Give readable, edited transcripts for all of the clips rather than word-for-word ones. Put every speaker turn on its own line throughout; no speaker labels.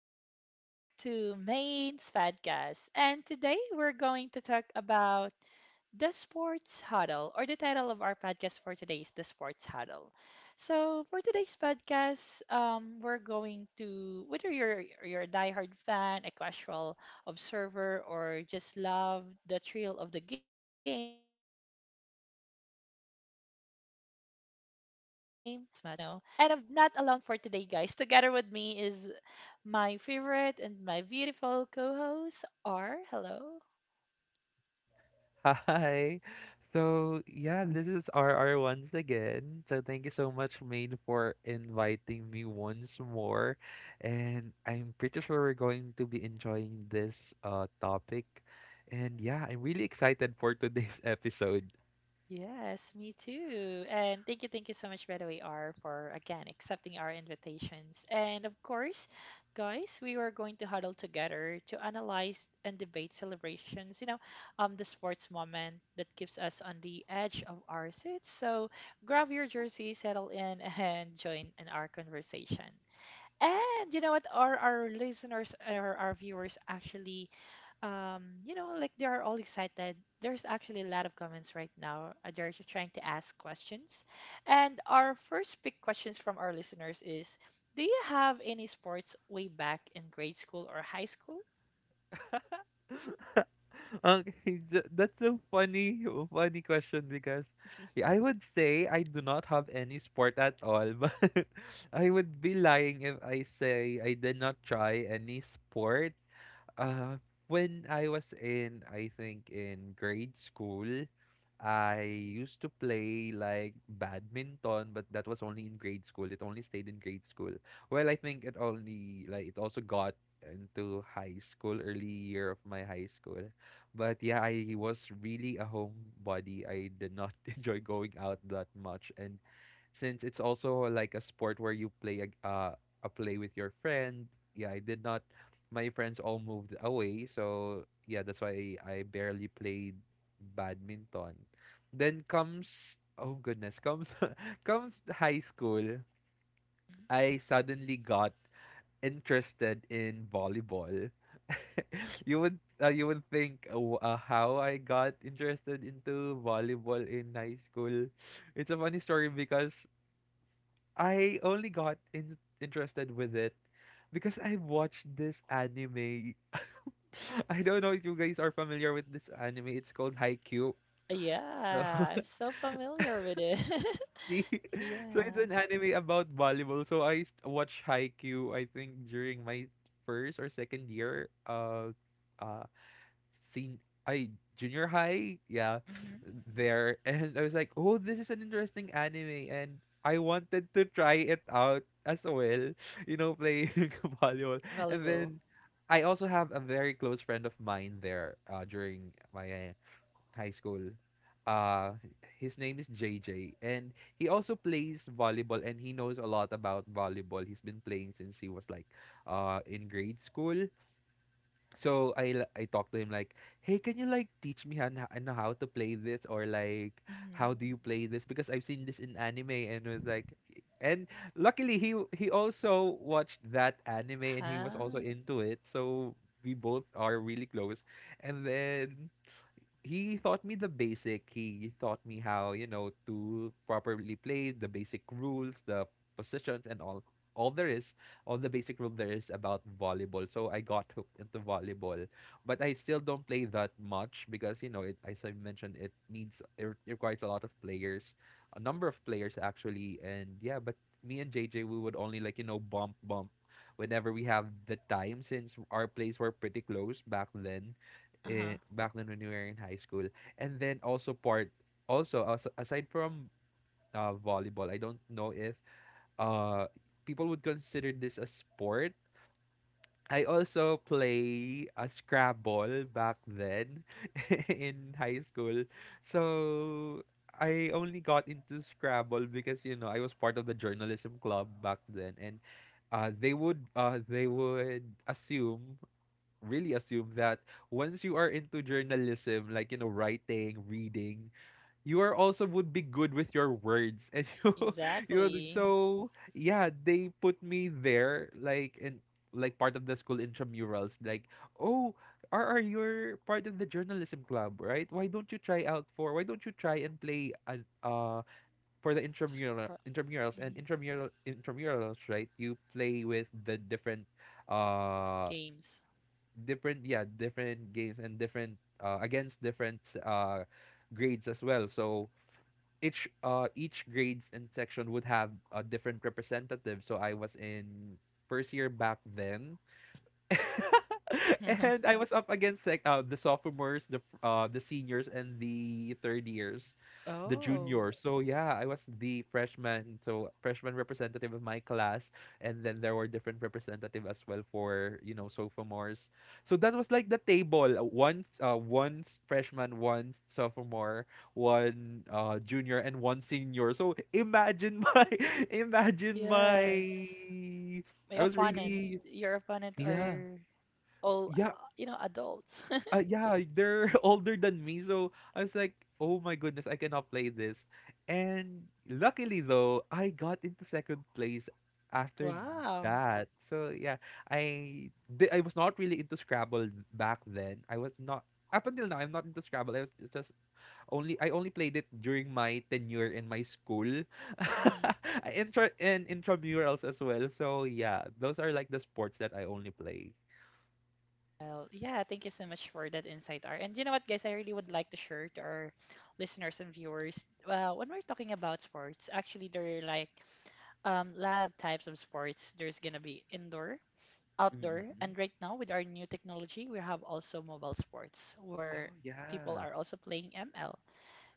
welcome back to Main's Podcast. And today we're going to talk about the sports huddle, or the title of our podcast for today is the sports huddle. So for today's podcast, we're going to whether you're a diehard fan, a casual observer, or just love the thrill of the game, this will going to give you the breakdown of your latest matches, you know. And I'm not alone for today, guys. Together with me is my favorite and my beautiful co-host, R. Hello.
Hi. So yeah, this is R once again. So thank you so much, Maine, for inviting me once more. And I'm pretty sure we're going to be enjoying this topic. And yeah, I'm really excited for today's episode.
Yes, me too. And thank you so much, by the way, R, for again accepting our invitations. And of course, guys, we are going to huddle together to analyze and debate celebrations, you know, the sports moment that keeps us on the edge of our seats. So grab your jersey, settle in, and join in our conversation. And you know what? Our listeners or our viewers actually like they are all excited. There's actually a lot of comments right now. They're just trying to ask questions. And our first big questions from our listeners is, do you have any sports way back in grade school or high school?
Okay, that's a funny question because yeah, I would say I do not have any sport at all, but I would be lying if I say I did not try any sport. Uh, when I was in, I think in grade school, I used to play like badminton, but that was only in grade school. It only stayed in grade school. Well, I think it only like it also got into high school, early year of my high school. But yeah, I was really a homebody. I did not enjoy going out that much, and since it's also like a sport where you play a play with your friend. Yeah, I did not. My friends all moved away, so yeah, that's why I barely played badminton. Then comes oh goodness, comes comes high school. I suddenly got interested in volleyball. You would you would think how I got interested into volleyball in high school. It's a funny story because I only got in interested with it because I watched this anime. I don't know if you guys are familiar with this anime. It's called Haikyuu. So
Yeah, I'm so familiar with it.
see, so it's
Yeah.
an anime about volleyball. So I watched Haikyuu. I think during my first or second year of uh, sen- I junior high, yeah,
Hmm.
there. And I was like, oh, this is an interesting anime, and I wanted to try it out as well. You know, playing volleyball, and
Volleyball.
then I also have a very close friend of mine there during my high school. Uh, his name is JJ, and he also plays volleyball, and he knows a lot about volleyball. He's been playing since he was like, in grade school, so I talked to him like, "Hey, can you like teach me how know how to play this or like
Mm-hmm.
how do you play this because I've seen this in anime." And it was like and luckily he also watched that anime and he was also
Huh?
into it. So we both are really close. And then he taught me the basic. He taught me how, you know, to properly play the basic rules, the positions and all there is, all the basic rule there is about volleyball. So I got hooked into volleyball. But I still don't play that much because, you know, it as I mentioned, it needs it re- requires a lot of players, a number of players actually. And yeah, but me and JJ we would only like, you know, bump whenever we have the time since our plays were pretty close back then eh,
Uh-huh.
back then when we were in high school. And then also part also also aside from volleyball, I don't know if uh people would consider this a sport. I also play a Scrabble back then in high school. So I only got into Scrabble because you know I was part of the journalism club back then and they would assume really assume that once you are into journalism, like you know, writing, reading, you are also would be good with your words, and you know,
Exactly.
so yeah, they put me there, like in like part of the school intramurals, like oh. Are you part of the journalism club, right? Why don't you try out for? Why don't you try and play an for the
Scro-
intramurals and
mhm.
intramurals, right? You play with the different uh
Games.
different different games and different against different grades as well so each grades and section would have a different representative so I was in first year back then and I was up against like the sophomores, the seniors, and the third years, the
Oh,
juniors. So yeah, I was the freshman, so freshman representative of my class, and then there were different representative as well for you know sophomores. So that was like the table: one freshman, one sophomore, one junior, and one senior. So imagine my imagine my.
yes. My
I was
opponent,
really
your opponent
yeah.
are all,
Yeah,
you know, adults.
yeah, they're older than me. So I was like, oh my goodness, I cannot play this. And luckily, though, I got into second place after
Wow.
that. So yeah, I was not really into Scrabble back then. I was not up until now. I'm not into Scrabble. I was just only I only played it during my tenure in my school,
Hmm.
intra and intramurals as well. So yeah, those are like the sports that I only play.
Well, yeah, thank you so much for that insight, R. And you know what, guys, I really would like to share to our listeners and viewers. When we're talking about sports, actually, there are like lot of types of sports. There's gonna be indoor, outdoor,
Mm-mm.
and right now with our new technology, we have also mobile sports where
Oh
people
yeah,
are also playing ML.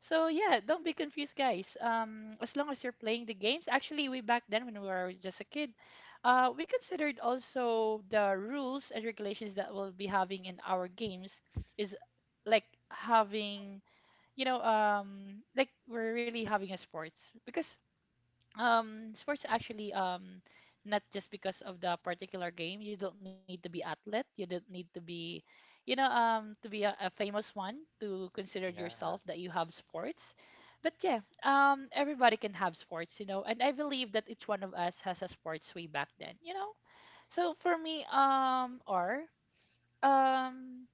So yeah, don't be confused, guys. As long as you're playing the games, actually, way back then when we were just a kid, we considered also the rules and regulations that we'll be having in our games is like having, like we're really having a sports because sports actually not just because of the particular game, you don't need to be athlete, you don't need to be, you know, to be a famous one to consider yourself
yeah.
that you have sports. But yeah, everybody can have sports, you know, and I believe that each one of us has a sports way back then, you know. So for me, or um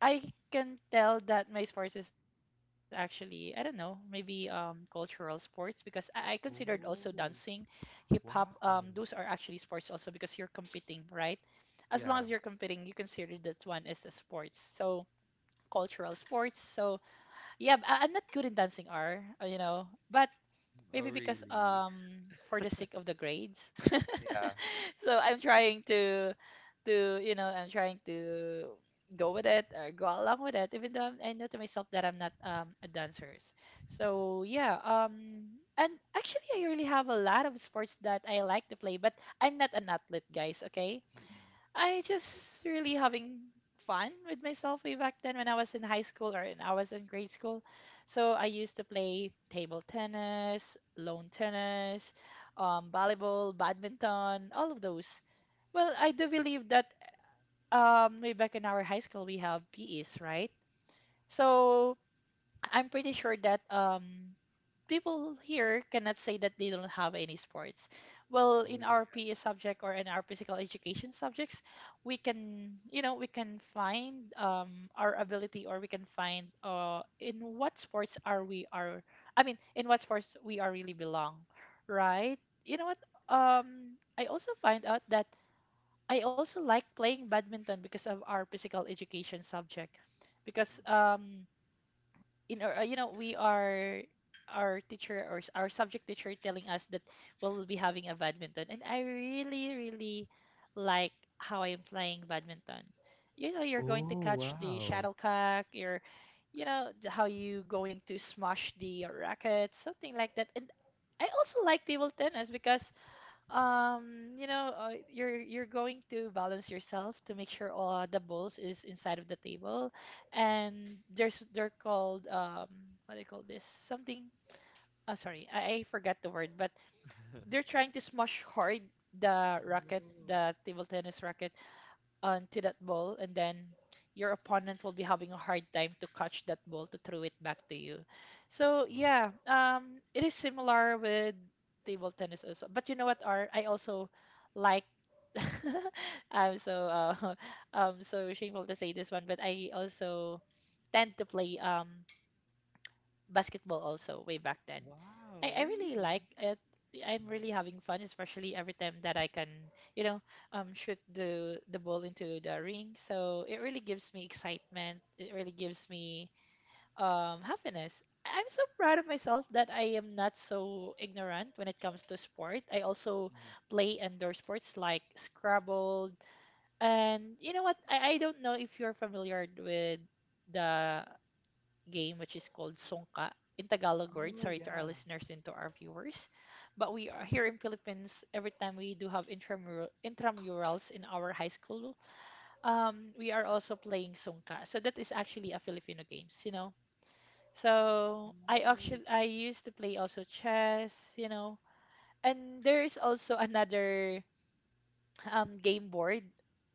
I can tell that my sports is actually, I don't know, maybe cultural sports because I considered also dancing,
Oh,
hip hop.
wow.
Those are actually sports also because you're competing, right? As long as you're
Yeah.
competing, you consider that one as a sports. So cultural sports. So yeah, I'm not good in dancing, R. You know, but
Mm, oh,
maybe because
really?
for the sake of the grades.
Yeah.
So I'm trying to, you know, I'm trying to go with it or go along with it even though I know to myself that I'm not a dancer. So yeah, and actually I really have a lot of sports that I like to play, but I'm not an athlete, guys, okay?
Mm-mm.
I just really having fun with myself way back then when I was in high school or when I was in grade school. So I used to play table tennis, lawn tennis, volleyball, badminton, all of those. Well, I do believe that way back in our high school we have PEs, right? So I'm pretty sure that people here cannot say that they don't have any sports. Well,
Oh,
in our
yeah.
PE subject or in our physical education subjects, we can, you know, we can find our ability or we can find in what sports are we are, I mean in what sports we are really belong, right? You know what? I also find out that I also like playing badminton because of our physical education subject, because
Mm-mm.
in our, you know, we are our teacher or our subject teacher telling us that we'll be having a badminton, and I really like how I am playing badminton. You know, you're going to
Oh,
catch the
wow.
shuttlecock, you're, you know, how you going to smash the racket, something like that. And I also like table tennis because you know, you're going to balance yourself to make sure all the balls is inside of the table, and there's they're called what do you call this something. Oh, sorry, I forgot the word, but
Mm-mm.
they're
Yeah.
trying to smash hard the racket,
Oh,
the table tennis racket, onto that ball, and then your opponent will be having a hard time to catch that ball to throw it back to you. So
wow.
yeah, it is similar with table tennis also. But you know what, Art? I also like. I'm so so shameful to say this one, but I also tend to play basketball also way back then. I,
Wow,
I really
really?
like it. I'm really
Mm-hmm.
having fun, especially every time that I can, you know, shoot the ball into the ring. So it really gives me excitement. It really gives me happiness. I'm so proud of myself that I am not so ignorant when it comes to sport. I also
Mm-hmm.
play indoor sports like Scrabble, and you know what? I don't know if you're familiar with the game, which is called Songka in Tagalog word.
Oh,
Sorry to our
yeah.
listeners and to our viewers, but we are here in Philippines. Every time we do have intramural intramurals in our high school, we are also playing Songka. So that is actually a Filipino games, you know. So I
Oh,
actually I used to play also chess, you know, and there is also another game board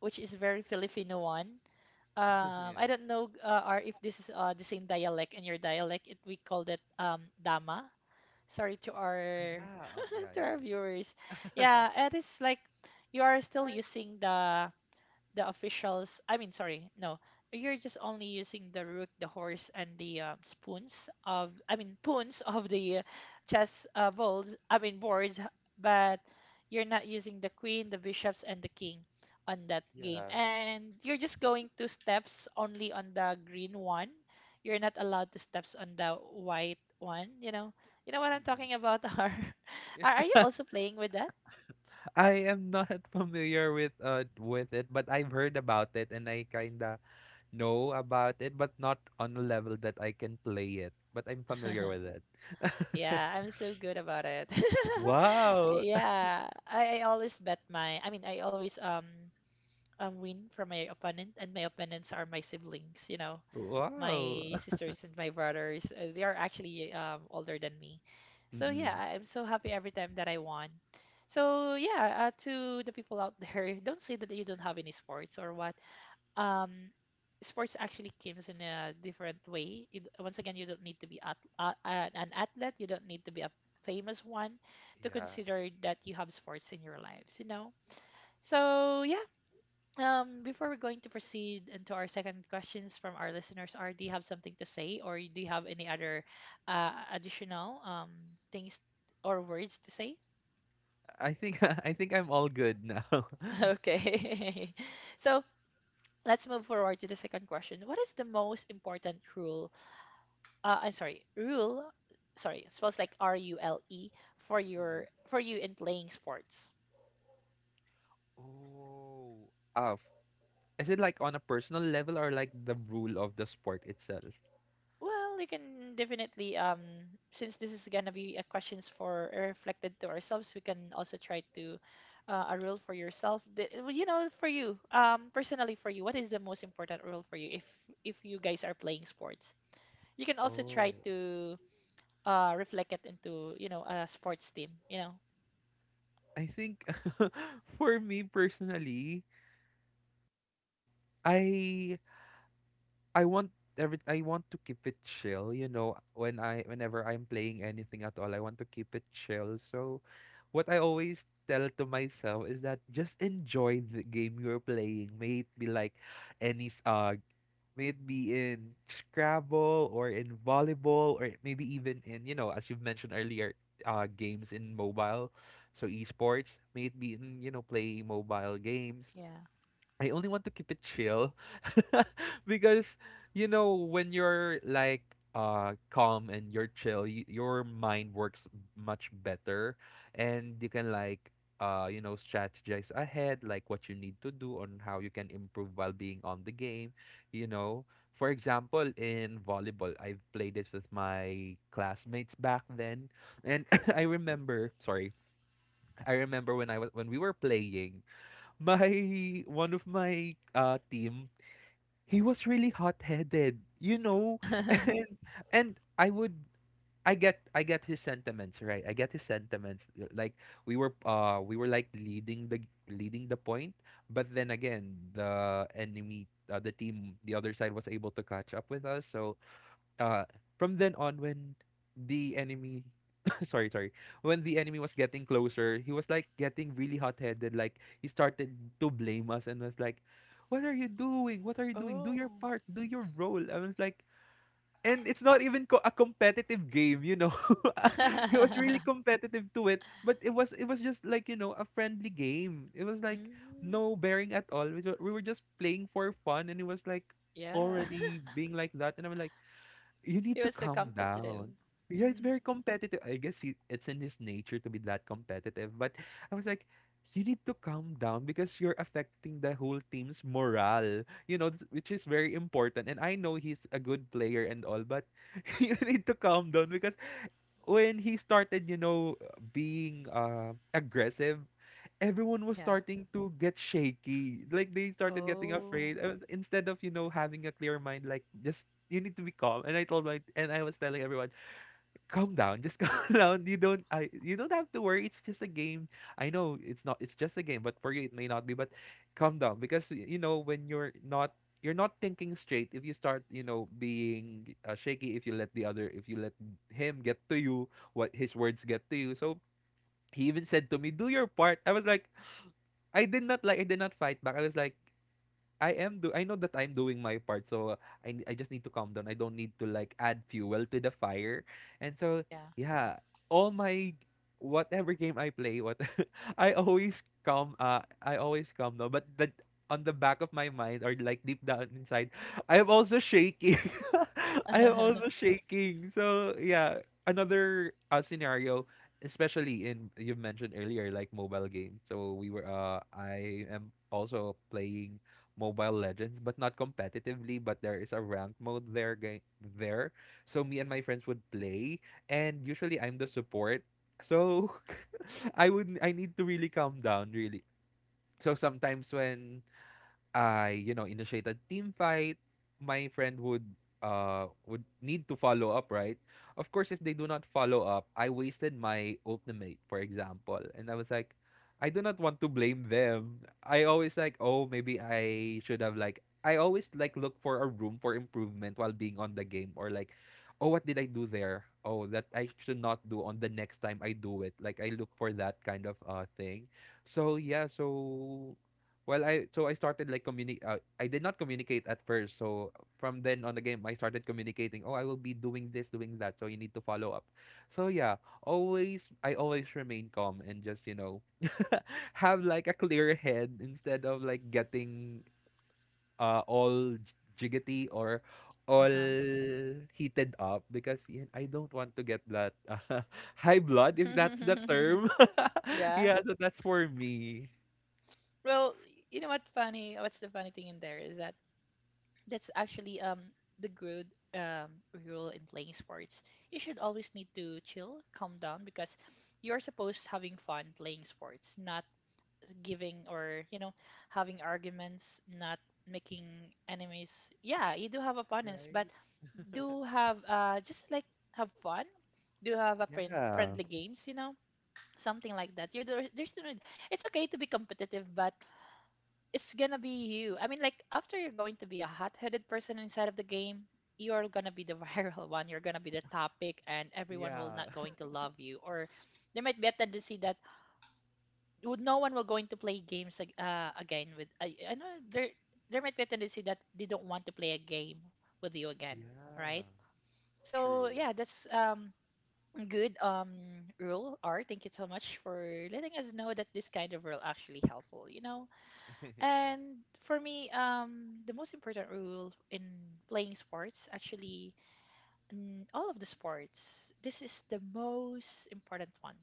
which is very Filipino one.
yeah.
I don't know or if this is the same dialect in your dialect, it we call that dama. Sorry to
Ah,
our
yeah. Yeah,
to
yeah.
our viewers. Yeah, it is like you are still using the officials, I mean sorry no, you're just only using the rook, the horse, and the spoons of, I mean poons of the chess balls, I mean boards, but you're not using the queen, the bishops, and the king on that game,
Yeah.
and you're just going two steps only on the green one. You're not allowed to steps on the white one, you know. You know what I'm
Mm-mm.
talking about? Or
Yeah.
are you also playing with that?
I am not familiar with it, but I've heard about it and I kinda know about it, but not on a level that I can play it. But I'm familiar with it.
Yeah, I'm so good about it.
Wow.
Yeah, I always bet my, I mean, I always win from my opponent, and my opponents are my siblings, you know,
Wow.
my sisters and my brothers. They are actually older than me. So yeah,
Mm-mm.
I'm so happy every time that I won. So yeah, to the people out there, don't say that you don't have any sports or what. um Sports actually comes in a different way. You d once again you don't need to be at, an athlete, you don't need to be a famous one to
Yeah.
consider that you have sports in your lives, you know. So yeah, before we're going to proceed into our second questions from our listeners are, do you have something to say, or do you have any other additional things or words to say?
I think I think I'm all good now.
Okay. So let's move forward to the second question. What is the most important rule, I'm sorry, rule. Sorry, it spells like R U L E, for your
Mm-mm.
for you in playing sports.
Oh. Ah, is it like on a personal level or like the rule of the sport itself?
Well, you can definitely since this is gonna be a questions for reflected to ourselves, we can also try to a rule for yourself. Well, you know, for you, personally for you, what is the most important rule for you if you guys are playing sports? You can also try
Oh.
to reflect it into, you know, a sports team. You know,
I think for me personally, I I want every I want to keep it chill, you know, whenever I'm playing anything at all, I want to keep it chill. So what I always tell to myself is that just enjoy the game you're playing. May it be like any s- uh may it be in Scrabble or in volleyball or maybe even in, you know, as you've mentioned earlier, games in mobile, so esports. May it be in, you know, playing mobile games.
yeah.
I only want to keep it chill because you know when you're like calm and you're chill, y your mind works much better and you can like you know strategize ahead like what you need to do on how you can improve while being on the game, you know. For example, in volleyball, I've played it with my classmates back then and I remember, sorry, I remember when I was when we were playing my one of my team he was really hot-headed, you know. and and I would I get his sentiments right, I get his sentiments like we were like leading the point, but then again the enemy the other side was able to catch up with us. So uh from then on when the enemy sorry, when the enemy was getting closer he was like getting really hot-headed. Like he started to blame us and was like, what are you doing, what are you doing, do your
Oh.
part, do your role. I was like, and it's not even a competitive game you know. It was really competitive to it, but it was, it was just like you know a friendly game. It was like
Mm,
no bearing at all, we were, we were just playing for fun, and it was like
yeah.
already being like that and I'm like, you need
He
to
was so
calm
competitive.
down. Yeah, it's
Hmm.
very competitive. I guess he, it's in his nature to be that competitive. But I was like, you need to calm down because you're affecting the whole team's morale, you know, which is very important. And I know he's a good player and all, but you need to calm down because when he started, you know, being aggressive, everyone was
Yeah.
starting to get shaky. Like they started getting
Oh,
afraid. I was, instead of you know having a clear mind, like just you need to be calm. And I told my and I was telling everyone, calm down, just calm down. You don't have to worry. It's just a game. I know it's not. It's just a game. But for you it may not be. But calm down because you know when you're not. You're not thinking straight if you start, you know, being shaky. If you let the other, if you let him get to you, what his words get to you. So he even said to me, "Do your part." I was like, I did not fight back. I was like, I am do I know that I'm doing my part, so I just need to calm down. I don't need to like add fuel to the fire. And so
yeah.
yeah, all my whatever game I play, what I always calm down. But that, on the back of my mind or like deep down inside, I am also shaking. I am also shaking. So yeah, another scenario, especially in, you mentioned earlier like mobile games, so we were I am also playing Mobile Legends, but not competitively. But there is a ranked mode there. So me and my friends would play, and usually I'm the support. So I need to really calm down, really. So sometimes when I, initiate a team fight, my friend would would need to follow up, right? Of course, if they do not follow up, I wasted my ultimate, for example, and I was like, I do not want to blame them. I always like, oh, maybe I always like look for a room for improvement while being on the game, or like, oh, what did I do there? Oh, that I should not do on the next time I do it. Like I look for that kind of thing. So yeah, so well, I started like communicate. I did not communicate at first. So from then on the game, I started communicating. Oh, I will be doing this, doing that. So you need to follow up. So yeah, always I always remain calm and just have like a clear head instead of like getting all jiggity or all
Uh-huh.
heated up, because yeah, I don't want to get that uh, high blood, if that's the term.
Yeah.
Yeah, so that's for me.
Well, you know what funny, what's the funny thing in there is that that's actually the good rule in playing sports. You should always need to chill, calm down, because you're supposed having fun playing sports, not giving or, you know, having arguments, not making enemies. Yeah, you do have opponents, but
Right.
do have just like have fun, do have a
Yeah.
friendly games, you know, something like that. There's no need- it's okay to be competitive, but it's gonna be you, after, you're going to be a hot-headed person inside of the game. You're gonna be the viral one, you're gonna be the topic, and everyone will
Yeah.
not going to love you. Or there might be a tendency that would no one will going to play games again with, I know there there might be a tendency that they don't want to play a game with you again, right?
Yeah.
So
True.
yeah, that's good rule, R. Thank you so much for letting us know that this kind of rule actually helpful,
Yeah.
And for me, the most important rule in playing sports, actually in all of the sports, this is the most important one.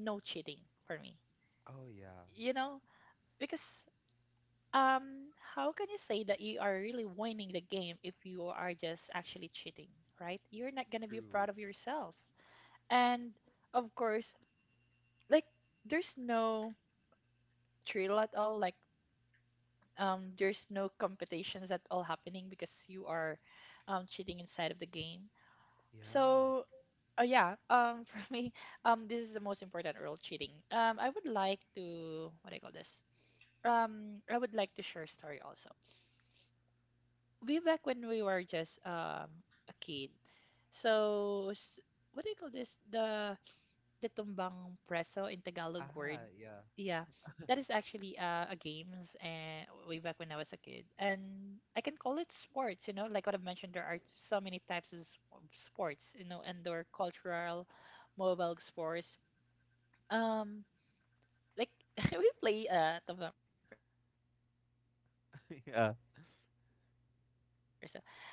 No cheating for me.
Oh, yeah.
You know, because how can you say that you are really winning the game if you are just actually cheating, right? You're not going to be
True.
proud of yourself, and of course, like, there's no thrill at all. Like, there's no competitions at all happening because you are cheating inside of the game.
Yeah.
So yeah, for me, this is the most important rule: cheating. I would like to, what do you call this, I would like to share a story also. Way back when we were just a kid, so what do you call this, the tumbang preso in Tagalog
Ah,
word.
yeah.
Yeah, that is actually a games, and way back when I was a kid, and I can call it sports. You know, like what I've mentioned, there are so many types of of sports. You know, indoor, cultural, mobile sports. Um, like, we play tumbang preso. I feel I was like, you know, I
Yeah.
was actually the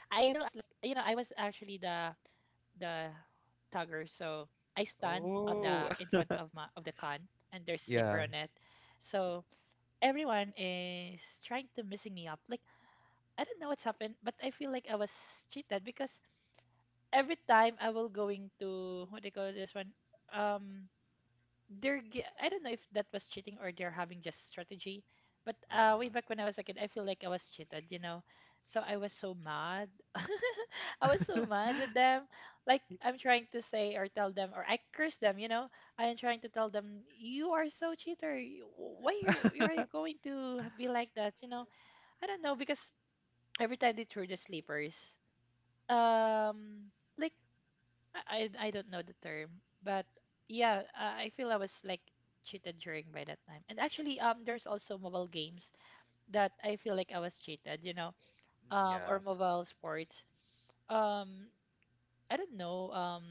tagger. So I stand on the in front of my of the can, and
Oh,
there's slipper on it. So
yeah.
everyone is trying to missing me up. Like, I don't know what's happened, but I feel like I was cheated because every time I will going to, what do you call this one? Um they're, I don't know if that was cheating or they're having just strategy, but way
Uh-uh.
back when I was a kid, I feel like I was cheated, So I was so mad. I was so mad with them. Like, I'm trying to say or tell them or I curse them, you know. I am trying to tell them, you are so cheater. You- why are you, are you going to be like that, you know? I don't know because every time they threw the sleepers, um, like, I don't know the term, but yeah, I feel I was like cheated during by that time. And actually, there's also mobile games that I feel like I was cheated, you know,
Mm,
or
yeah.
mobile sports. Um, I don't know,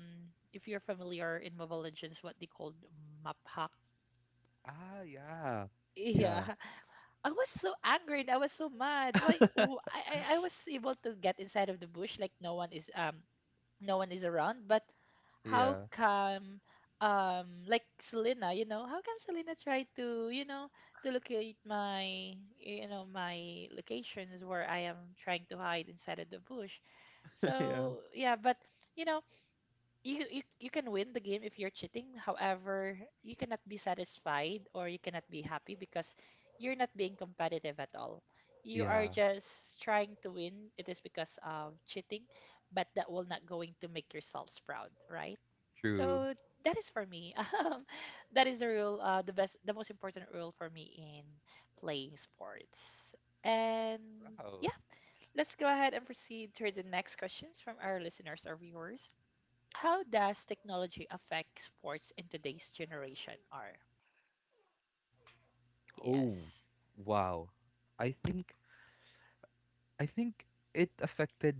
if you're familiar in Mobile Legends, what they called map hack.
Ah, yeah.
Yeah,
Yeah.
I was so angry, and I was so mad. Why? w- I I I was able to get inside of the bush, like no one is no one is around. But how
Yeah.
come like Selena, you know, how come Selena tried to, you know, to locate my, you know, my locations where I am trying to hide inside of the bush.
Yeah.
So yeah, but you know, you can win the game if you're cheating. However, you cannot be satisfied or you cannot be happy because you're not being competitive at all. You are
Yeah.
just trying to win. It is because of cheating, but that will not going to make yourselves proud, right?
True.
So that is for me. Um, that is the rule. The best, the most important rule for me in playing sports. And
Wow.
yeah, let's go ahead and proceed to the next questions from our listeners or viewers. How does technology affect sports in today's generation? Are
Oh,
yes.
wow. I think I think it affected.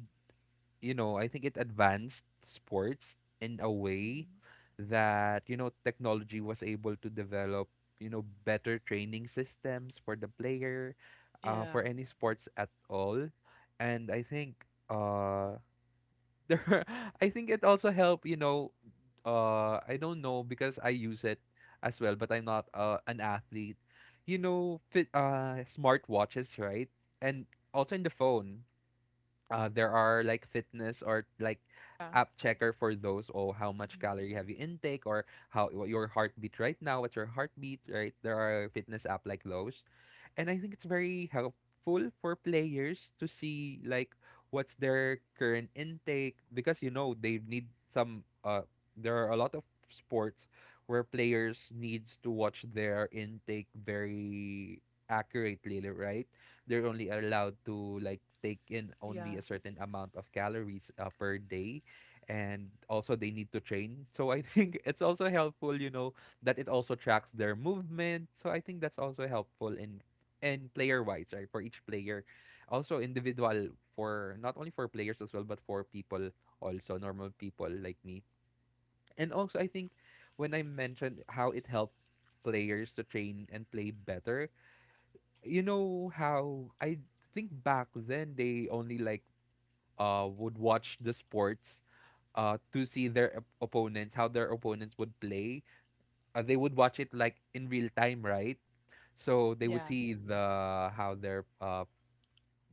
You know, I think it advanced sports in a way
Mhm.
that, technology was able to develop, better training systems for the player,
Yeah.
for any sports at all. And I think uh there are- I think it also helped. I don't know, because I use it as well, but I'm not an athlete. You know, fit smart watches right? And also in the phone, there are like fitness, or like
Yeah.
app checker for those. Oh, how much
Mhm.
calorie have you intake, or how what your heartbeat right now, what's your heartbeat right? There are fitness app like those. And I think it's very helpful for players to see like what's their current intake, because you know they need some there are a lot of sports where players needs to watch their intake very accurately, right? They're only allowed to like take in only
Yeah.
a certain amount of calories per day, and also they need to train. So I think it's also helpful, that it also tracks their movement. So I think that's also helpful in and player wise, right? For each player, also individual, for not only for players as well, but for people, also normal people like me. And also, I think, when I mentioned how it helped players to train and play better, you know how I think back then they only like would watch the sports to see their opponents, how their opponents would play. They would watch it like in real time, right? So they would
Yeah.
see the how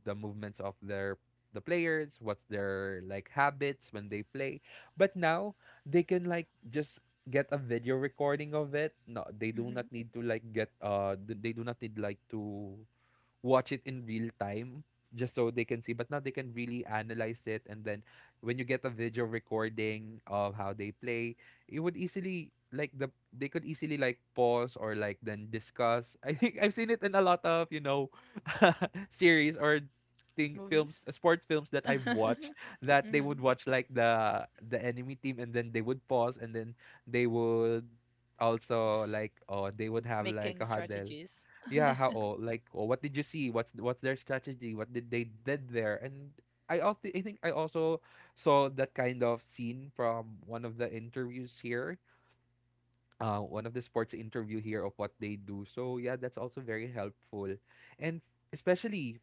the movements of the players, what's their like habits when they play. But now they can like just get a video recording of it. No, they do not need to like they do not need like to watch it in real time just so they can see. But now they can really analyze it. And then when you get a video recording of how they play, it would easily like the they could easily like pause or like then discuss. I think I've seen it in a lot of, you know, series or thing films
Movies.
sports films that I've watched, that they
Mm-hmm.
would watch like the enemy team, and then they would pause, and then they would also like, oh, they would have like a
Making
huddle,
strategies.
yeah, how, oh, like, oh, what did you see? What's their strategy? What did they did there? And I think I also saw that kind of scene from one of the interviews here, one of the sports interview here, of what they do. So yeah, that's also very helpful, and especially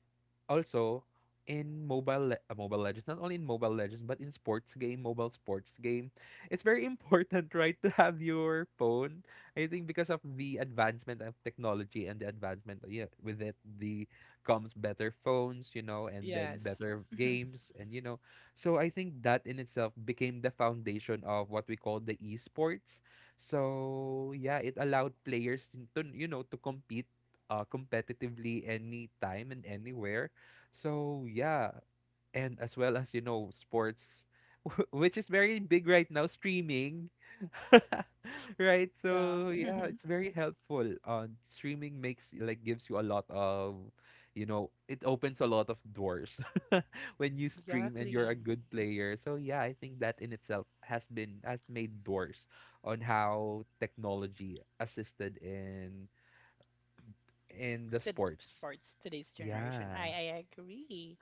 also in Mobile Legends, not only in Mobile Legends but in sports game mobile sports game, it's very important right to have your phone. I think, because of the advancement of technology and the advancement yeah, with it the comes better phones, you know, and then
Yes.
better
Mhm.
games, and you know, so I think that in itself became the foundation of what we call the esports. So yeah, it allowed players to, to compete competitively anytime and anywhere. So yeah, and as well as, you know, sports, which is very big right now, streaming, right,
Yeah.
so yeah, it's very helpful. Streaming makes like gives you a lot of, you know, it opens a lot of doors when you stream and you're a
Exactly.
good player. So yeah, I think that in itself has been has made doors on how technology assisted in the
To
sports.
sports today's generation.
Yeah.
I agree.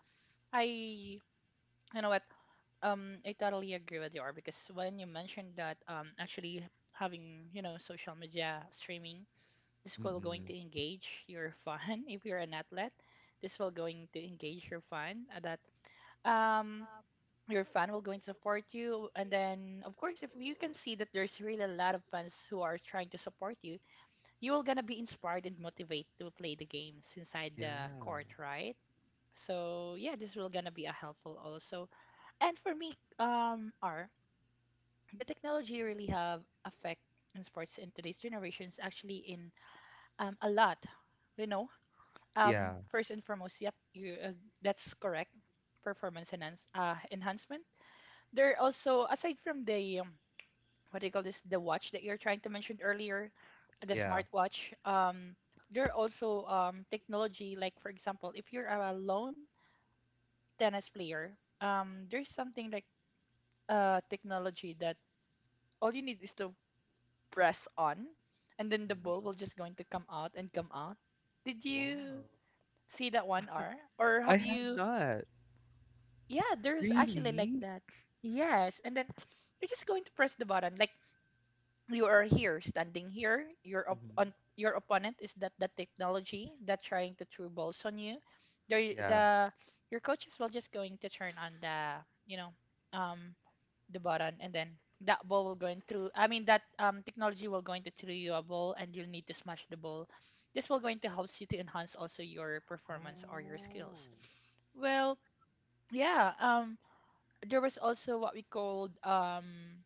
I you know what? I totally agree with you, Or, because when you mentioned that, actually, having, you know, social media streaming, this will going
Mm-mm.
to engage your fan if you're an athlete. This will going to engage your fan, that um your fan will going to support you, and then of course, if you can see that there's really a lot of fans who are trying to support you, you will gonna be inspired and motivated to play the games inside the
Yeah.
court, right? So yeah, this will gonna be a helpful also. And for me, are the technology really have effect in sports in today's generations, actually in a lot, you know.
Yeah.
First and foremost, yep, you that's correct. Performance enhancement. There are also, aside from the what do you call this, the watch that you're trying to mention earlier, the
Yeah.
smartwatch. There are also technology, like for example, if you're a lone tennis player, there's something like technology that all you need is to press on, and then the ball will just going to come out and come out. Did you
Wow.
see that one, R? Or
I
have
have
you?
not.
Yeah, there's actually like
Really?
that. Yes, and then you're just going to press the button. Like, you are here, standing here. Your
Mhm.
on your opponent is that, that technology that trying to throw balls on you. There,
Yeah.
the your coaches will just going to turn on the, you know, um the button, and then that ball will going through. I mean that technology will going to throw you a ball, and you'll need to smash the ball. This will going to help you to enhance also your performance or your
Oh.
skills. Well, yeah. There was also what we called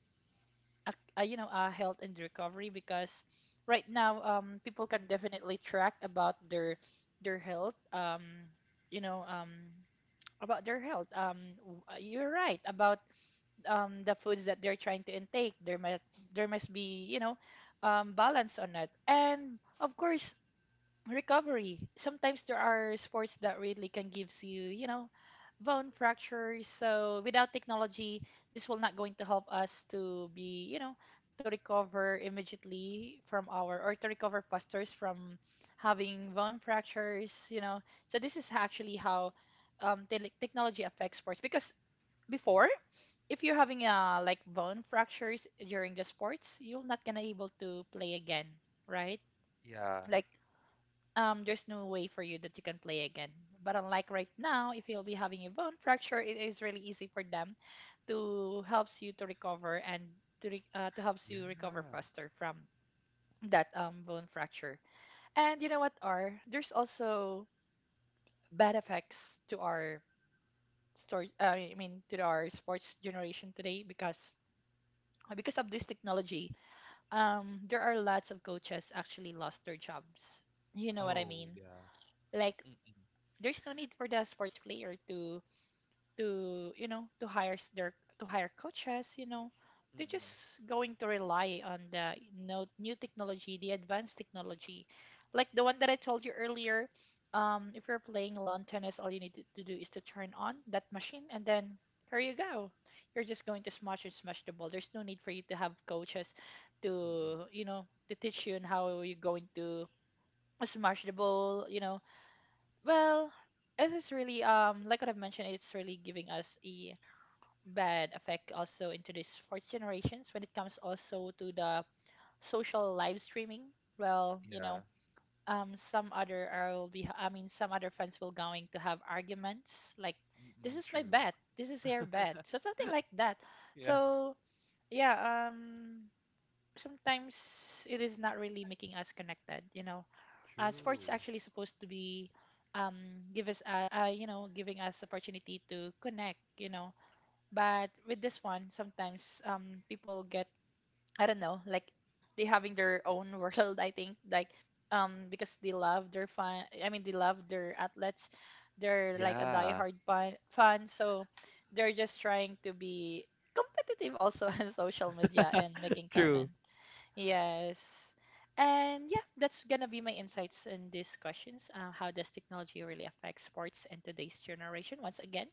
a, you know, a health and recovery, because right now, people can definitely track about their health, you know, about their health, you're right about the foods that they're trying to intake. There must, there must be, you know, balance on it, and of course, recovery. Sometimes there are sports that really can gives you, you know, bone fractures. So without technology, this will not going to help us to be, you know, to recover immediately from our, or to recover faster from having bone fractures, you know. So this is actually how technology affects sports. Because before, if you're having like bone fractures during the sports, you're not gonna able to play again, right?
Yeah.
Like, there's no way for you that you can play again. But unlike right now, if you'll be having a bone fracture, it is really easy for them to helps you to recover, and to helps you recover
Yeah.
faster from that bone fracture. And you know what, are there's also bad effects to our store. I mean to our sports generation today, because of this technology, there are lots of coaches actually lost their jobs. You know what I
Oh,
mean?
yeah.
Like,
Mm-mm.
there's no need for the sports player to, you know, to hire coaches, you know. They're
Mm-mm.
just going to rely on the you new technology, the advanced technology, like the one that I told you earlier. If you're playing lawn tennis, all you need to do is to turn on that machine, and then here you go, you're just going to smash and smash the ball. There's no need for you to have coaches
Mm-mm.
to, you know, to teach you on how you're going to smash the ball, you know. Well, it is really like what I've mentioned, it's really giving us a bad effect also into this fourth generations when it comes also to the social live streaming. Well, you
Yeah.
know, some other are will be, I mean some other fans will going to have arguments like, this
Mm-mm.
is my
True.
bet, this is your bet. So something like that.
Yeah.
So yeah, sometimes it is not really making us connected, you know. Sports is
True.
actually supposed to be, um, give us, you know, giving us opportunity to connect, you know. But with this one, sometimes people get, I don't know, like, they having their own world, I think, like, because they love their fan, I mean they love their athletes, they're like a
Yeah.
diehard fan. So they're just trying to be competitive also on social media and making
True.
comments. Yes. And yeah, that's gonna be my insights in these questions. How does technology really affect sports in today's generation? Once again,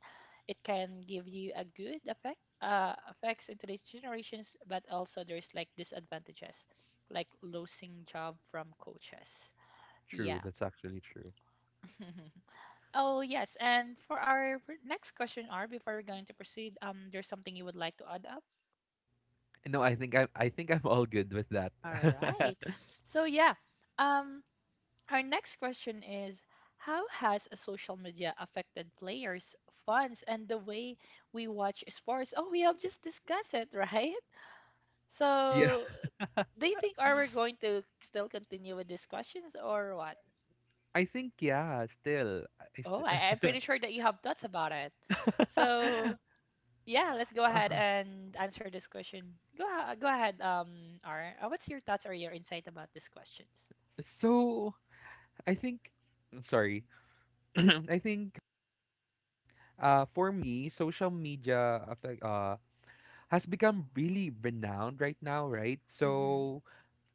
it can give you a good effect, effects in today's generations, but also there's like disadvantages, like losing job from coaches.
True.
Yeah.
That's actually true.
Oh yes, and for our next question, R, before we're going to proceed, there's something you would like to add up?
No, I think I'm all good with that.
All right. So yeah, um, our next question is, how has a social media affected players, fans, and the way we watch sports? Oh, we have just discussed it, right?
Yeah.
So, do you think are we going to still continue with these questions or what?
I think yeah, still. I
Oh,
I
I'm pretty sure that you have thoughts about it. So, yeah, let's go ahead
uh,
and answer this question. Go, go ahead, R. What's your thoughts or your insight about these questions?
so I think, I'm sorry. I think, for me, social media affect, has become really renowned right now, right?
Hmm.
So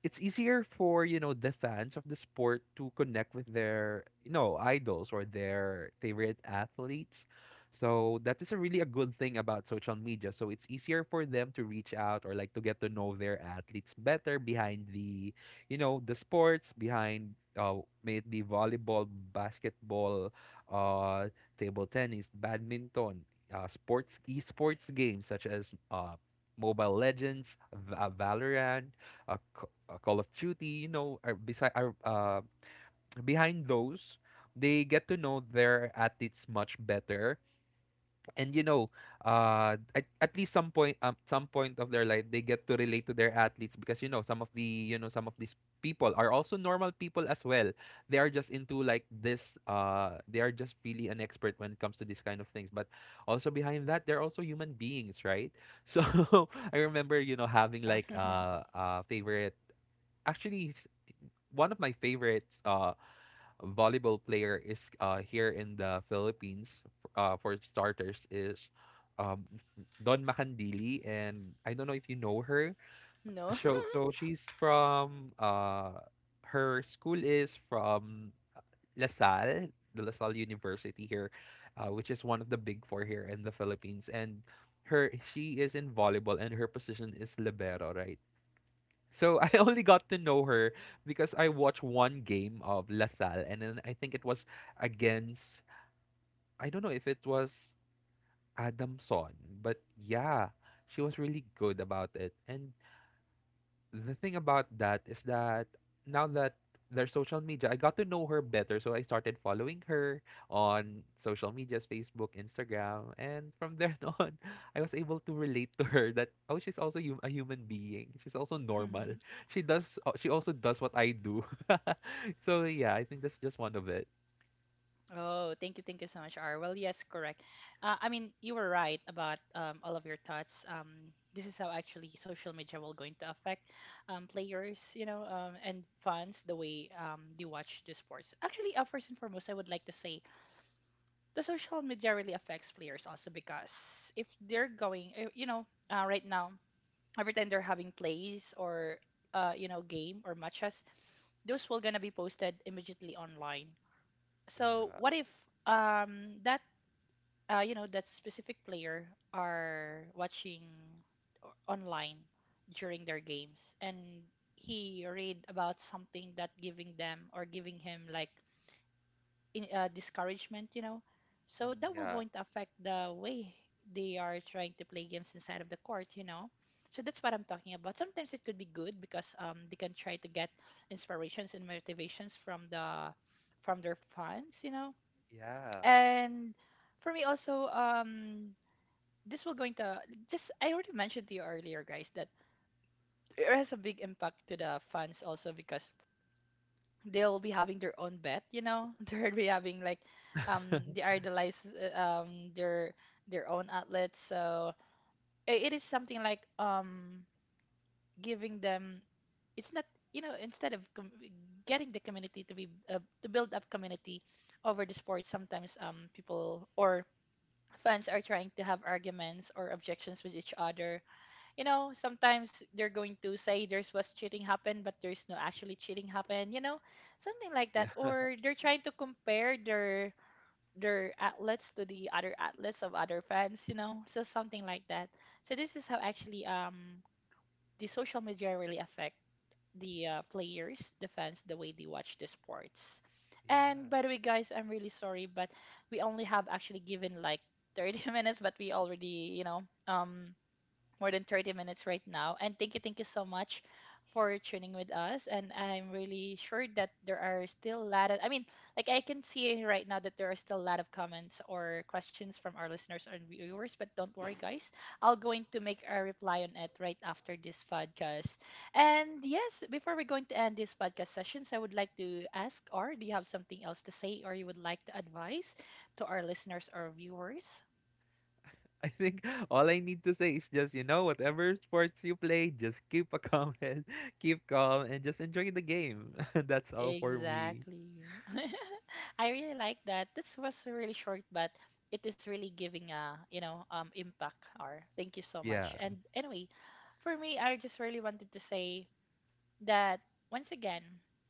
it's easier for, you know, the fans of the sport to connect with their, idols or their favorite athletes, so that is a really a good thing about social media. So it's easier for them to reach out or like to get to know their athletes better behind the, the sports behind, uh, may it be volleyball, basketball, uh, table tennis, badminton, sports, esports games such as, mobile legends V- valorant uh, Call of Duty, you know. Are beside, are behind those, they get to know their athletes much better, and you know, at least some point, of their life, they get to relate to their athletes, because you know some of these people are also normal people as well. They are just into like this. They are just really an expert when it comes to this kind of things. But also behind that, they're also human beings, right? So I remember, you know, having like favorite, actually one of my favorites volleyball player is here in the Philippines, for starters, is um Don Macandili, and I don't know if you know her.
No.
So she's from her school is
Yeah,
from
I'm not really familiar
LaSalle,
with her.
the LaSalle University here, which is one of the big four here in the Philippines, and her she is in volleyball, and her position is libero, right? So I only got to know her because I watched one game of LaSalle, and then I think it was against, I don't know if it was, Adamson, but yeah, she was really good about it. And the thing about that is that, now that there's social media, I got to know her better. So I started following her on social medias, Facebook, Instagram. And from there on, I was able to relate to her that, oh, she's also a human being. She's also normal. She also does what I do. So yeah, I think that's just one of it.
Oh, thank you so much, R. Well, yes, correct. I mean, you were right about all of your thoughts. This is how actually social media will going to affect players, you know, and fans the way they watch the sports. Actually, first and foremost, I would like to say the social media really affects players also because if they're going, right now, every time they're having plays or game or matches, those will gonna be posted immediately online. So
Yeah.
what if that you know that specific player are watching online during their games and he read about something that giving them or giving him like in, discouragement, you know? So
Mm,
that will
yeah.
going to affect the way they are trying to play games inside of the court, you know? So that's what I'm talking about. Sometimes it could be good because they can try to get inspirations and motivations from the from their fans, you know,
Yeah.
and for me also, this will going to just I already mentioned to you earlier, guys, that it has a big impact to the fans also because they'll be having their own bet, you know, they'll be having like they idolize their own outlets. So it is something like giving them it's not, you know, instead of getting the community to be to build up community over the sport sometimes people or fans are trying to have arguments or objections with each other. You know, sometimes they're going to say there's was cheating happened, but there's no actually cheating happened. You know, something like that.
Yeah.
Or they're trying to compare their outlets to the other outlets of other fans. You know, so something like that. So this is how actually the social media really affect the players, the fans, the way they watch the sports. And
Yeah.
by the way, guys, I'm really sorry, but we only have actually given like 30 minutes, but we already, you know, um, more than 30 minutes right now. And thank you so much for tuning with us. And I'm really sure that there are still a lot of, I mean, like I can see right now that there are still a lot of comments or questions from our listeners and viewers, but don't worry, guys. I'll going to make a reply on it right after this podcast. And yes, before we're going to end this podcast sessions, I would like to ask, or do you have something else to say or you would like to advise to our listeners or viewers?
I think all I need to say is just, you know, whatever sports you play, just keep a calm head, keep calm, and just enjoy the game. That's all for me.
Exactly. I really like that. This was really short, but it is really giving a, you know, impact or thank you so much.
Yeah.
And anyway, for me, I just really wanted to say that once again,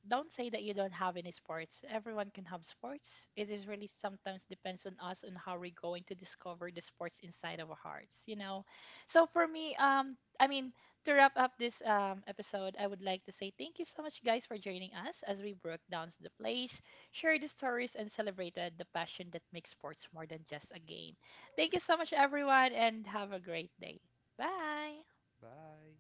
don't say that you don't have any sports. Everyone can have sports. It is really sometimes depends on us on how we're going to discover the sports inside of our hearts, you know. So for me, I mean, to wrap up this episode, I would like to say thank you so much, guys, for joining us as we broke down the plays, shared the stories, and celebrated the passion that makes sports more than just a game. Thank you so much, everyone, and have a great day. Bye.
Bye.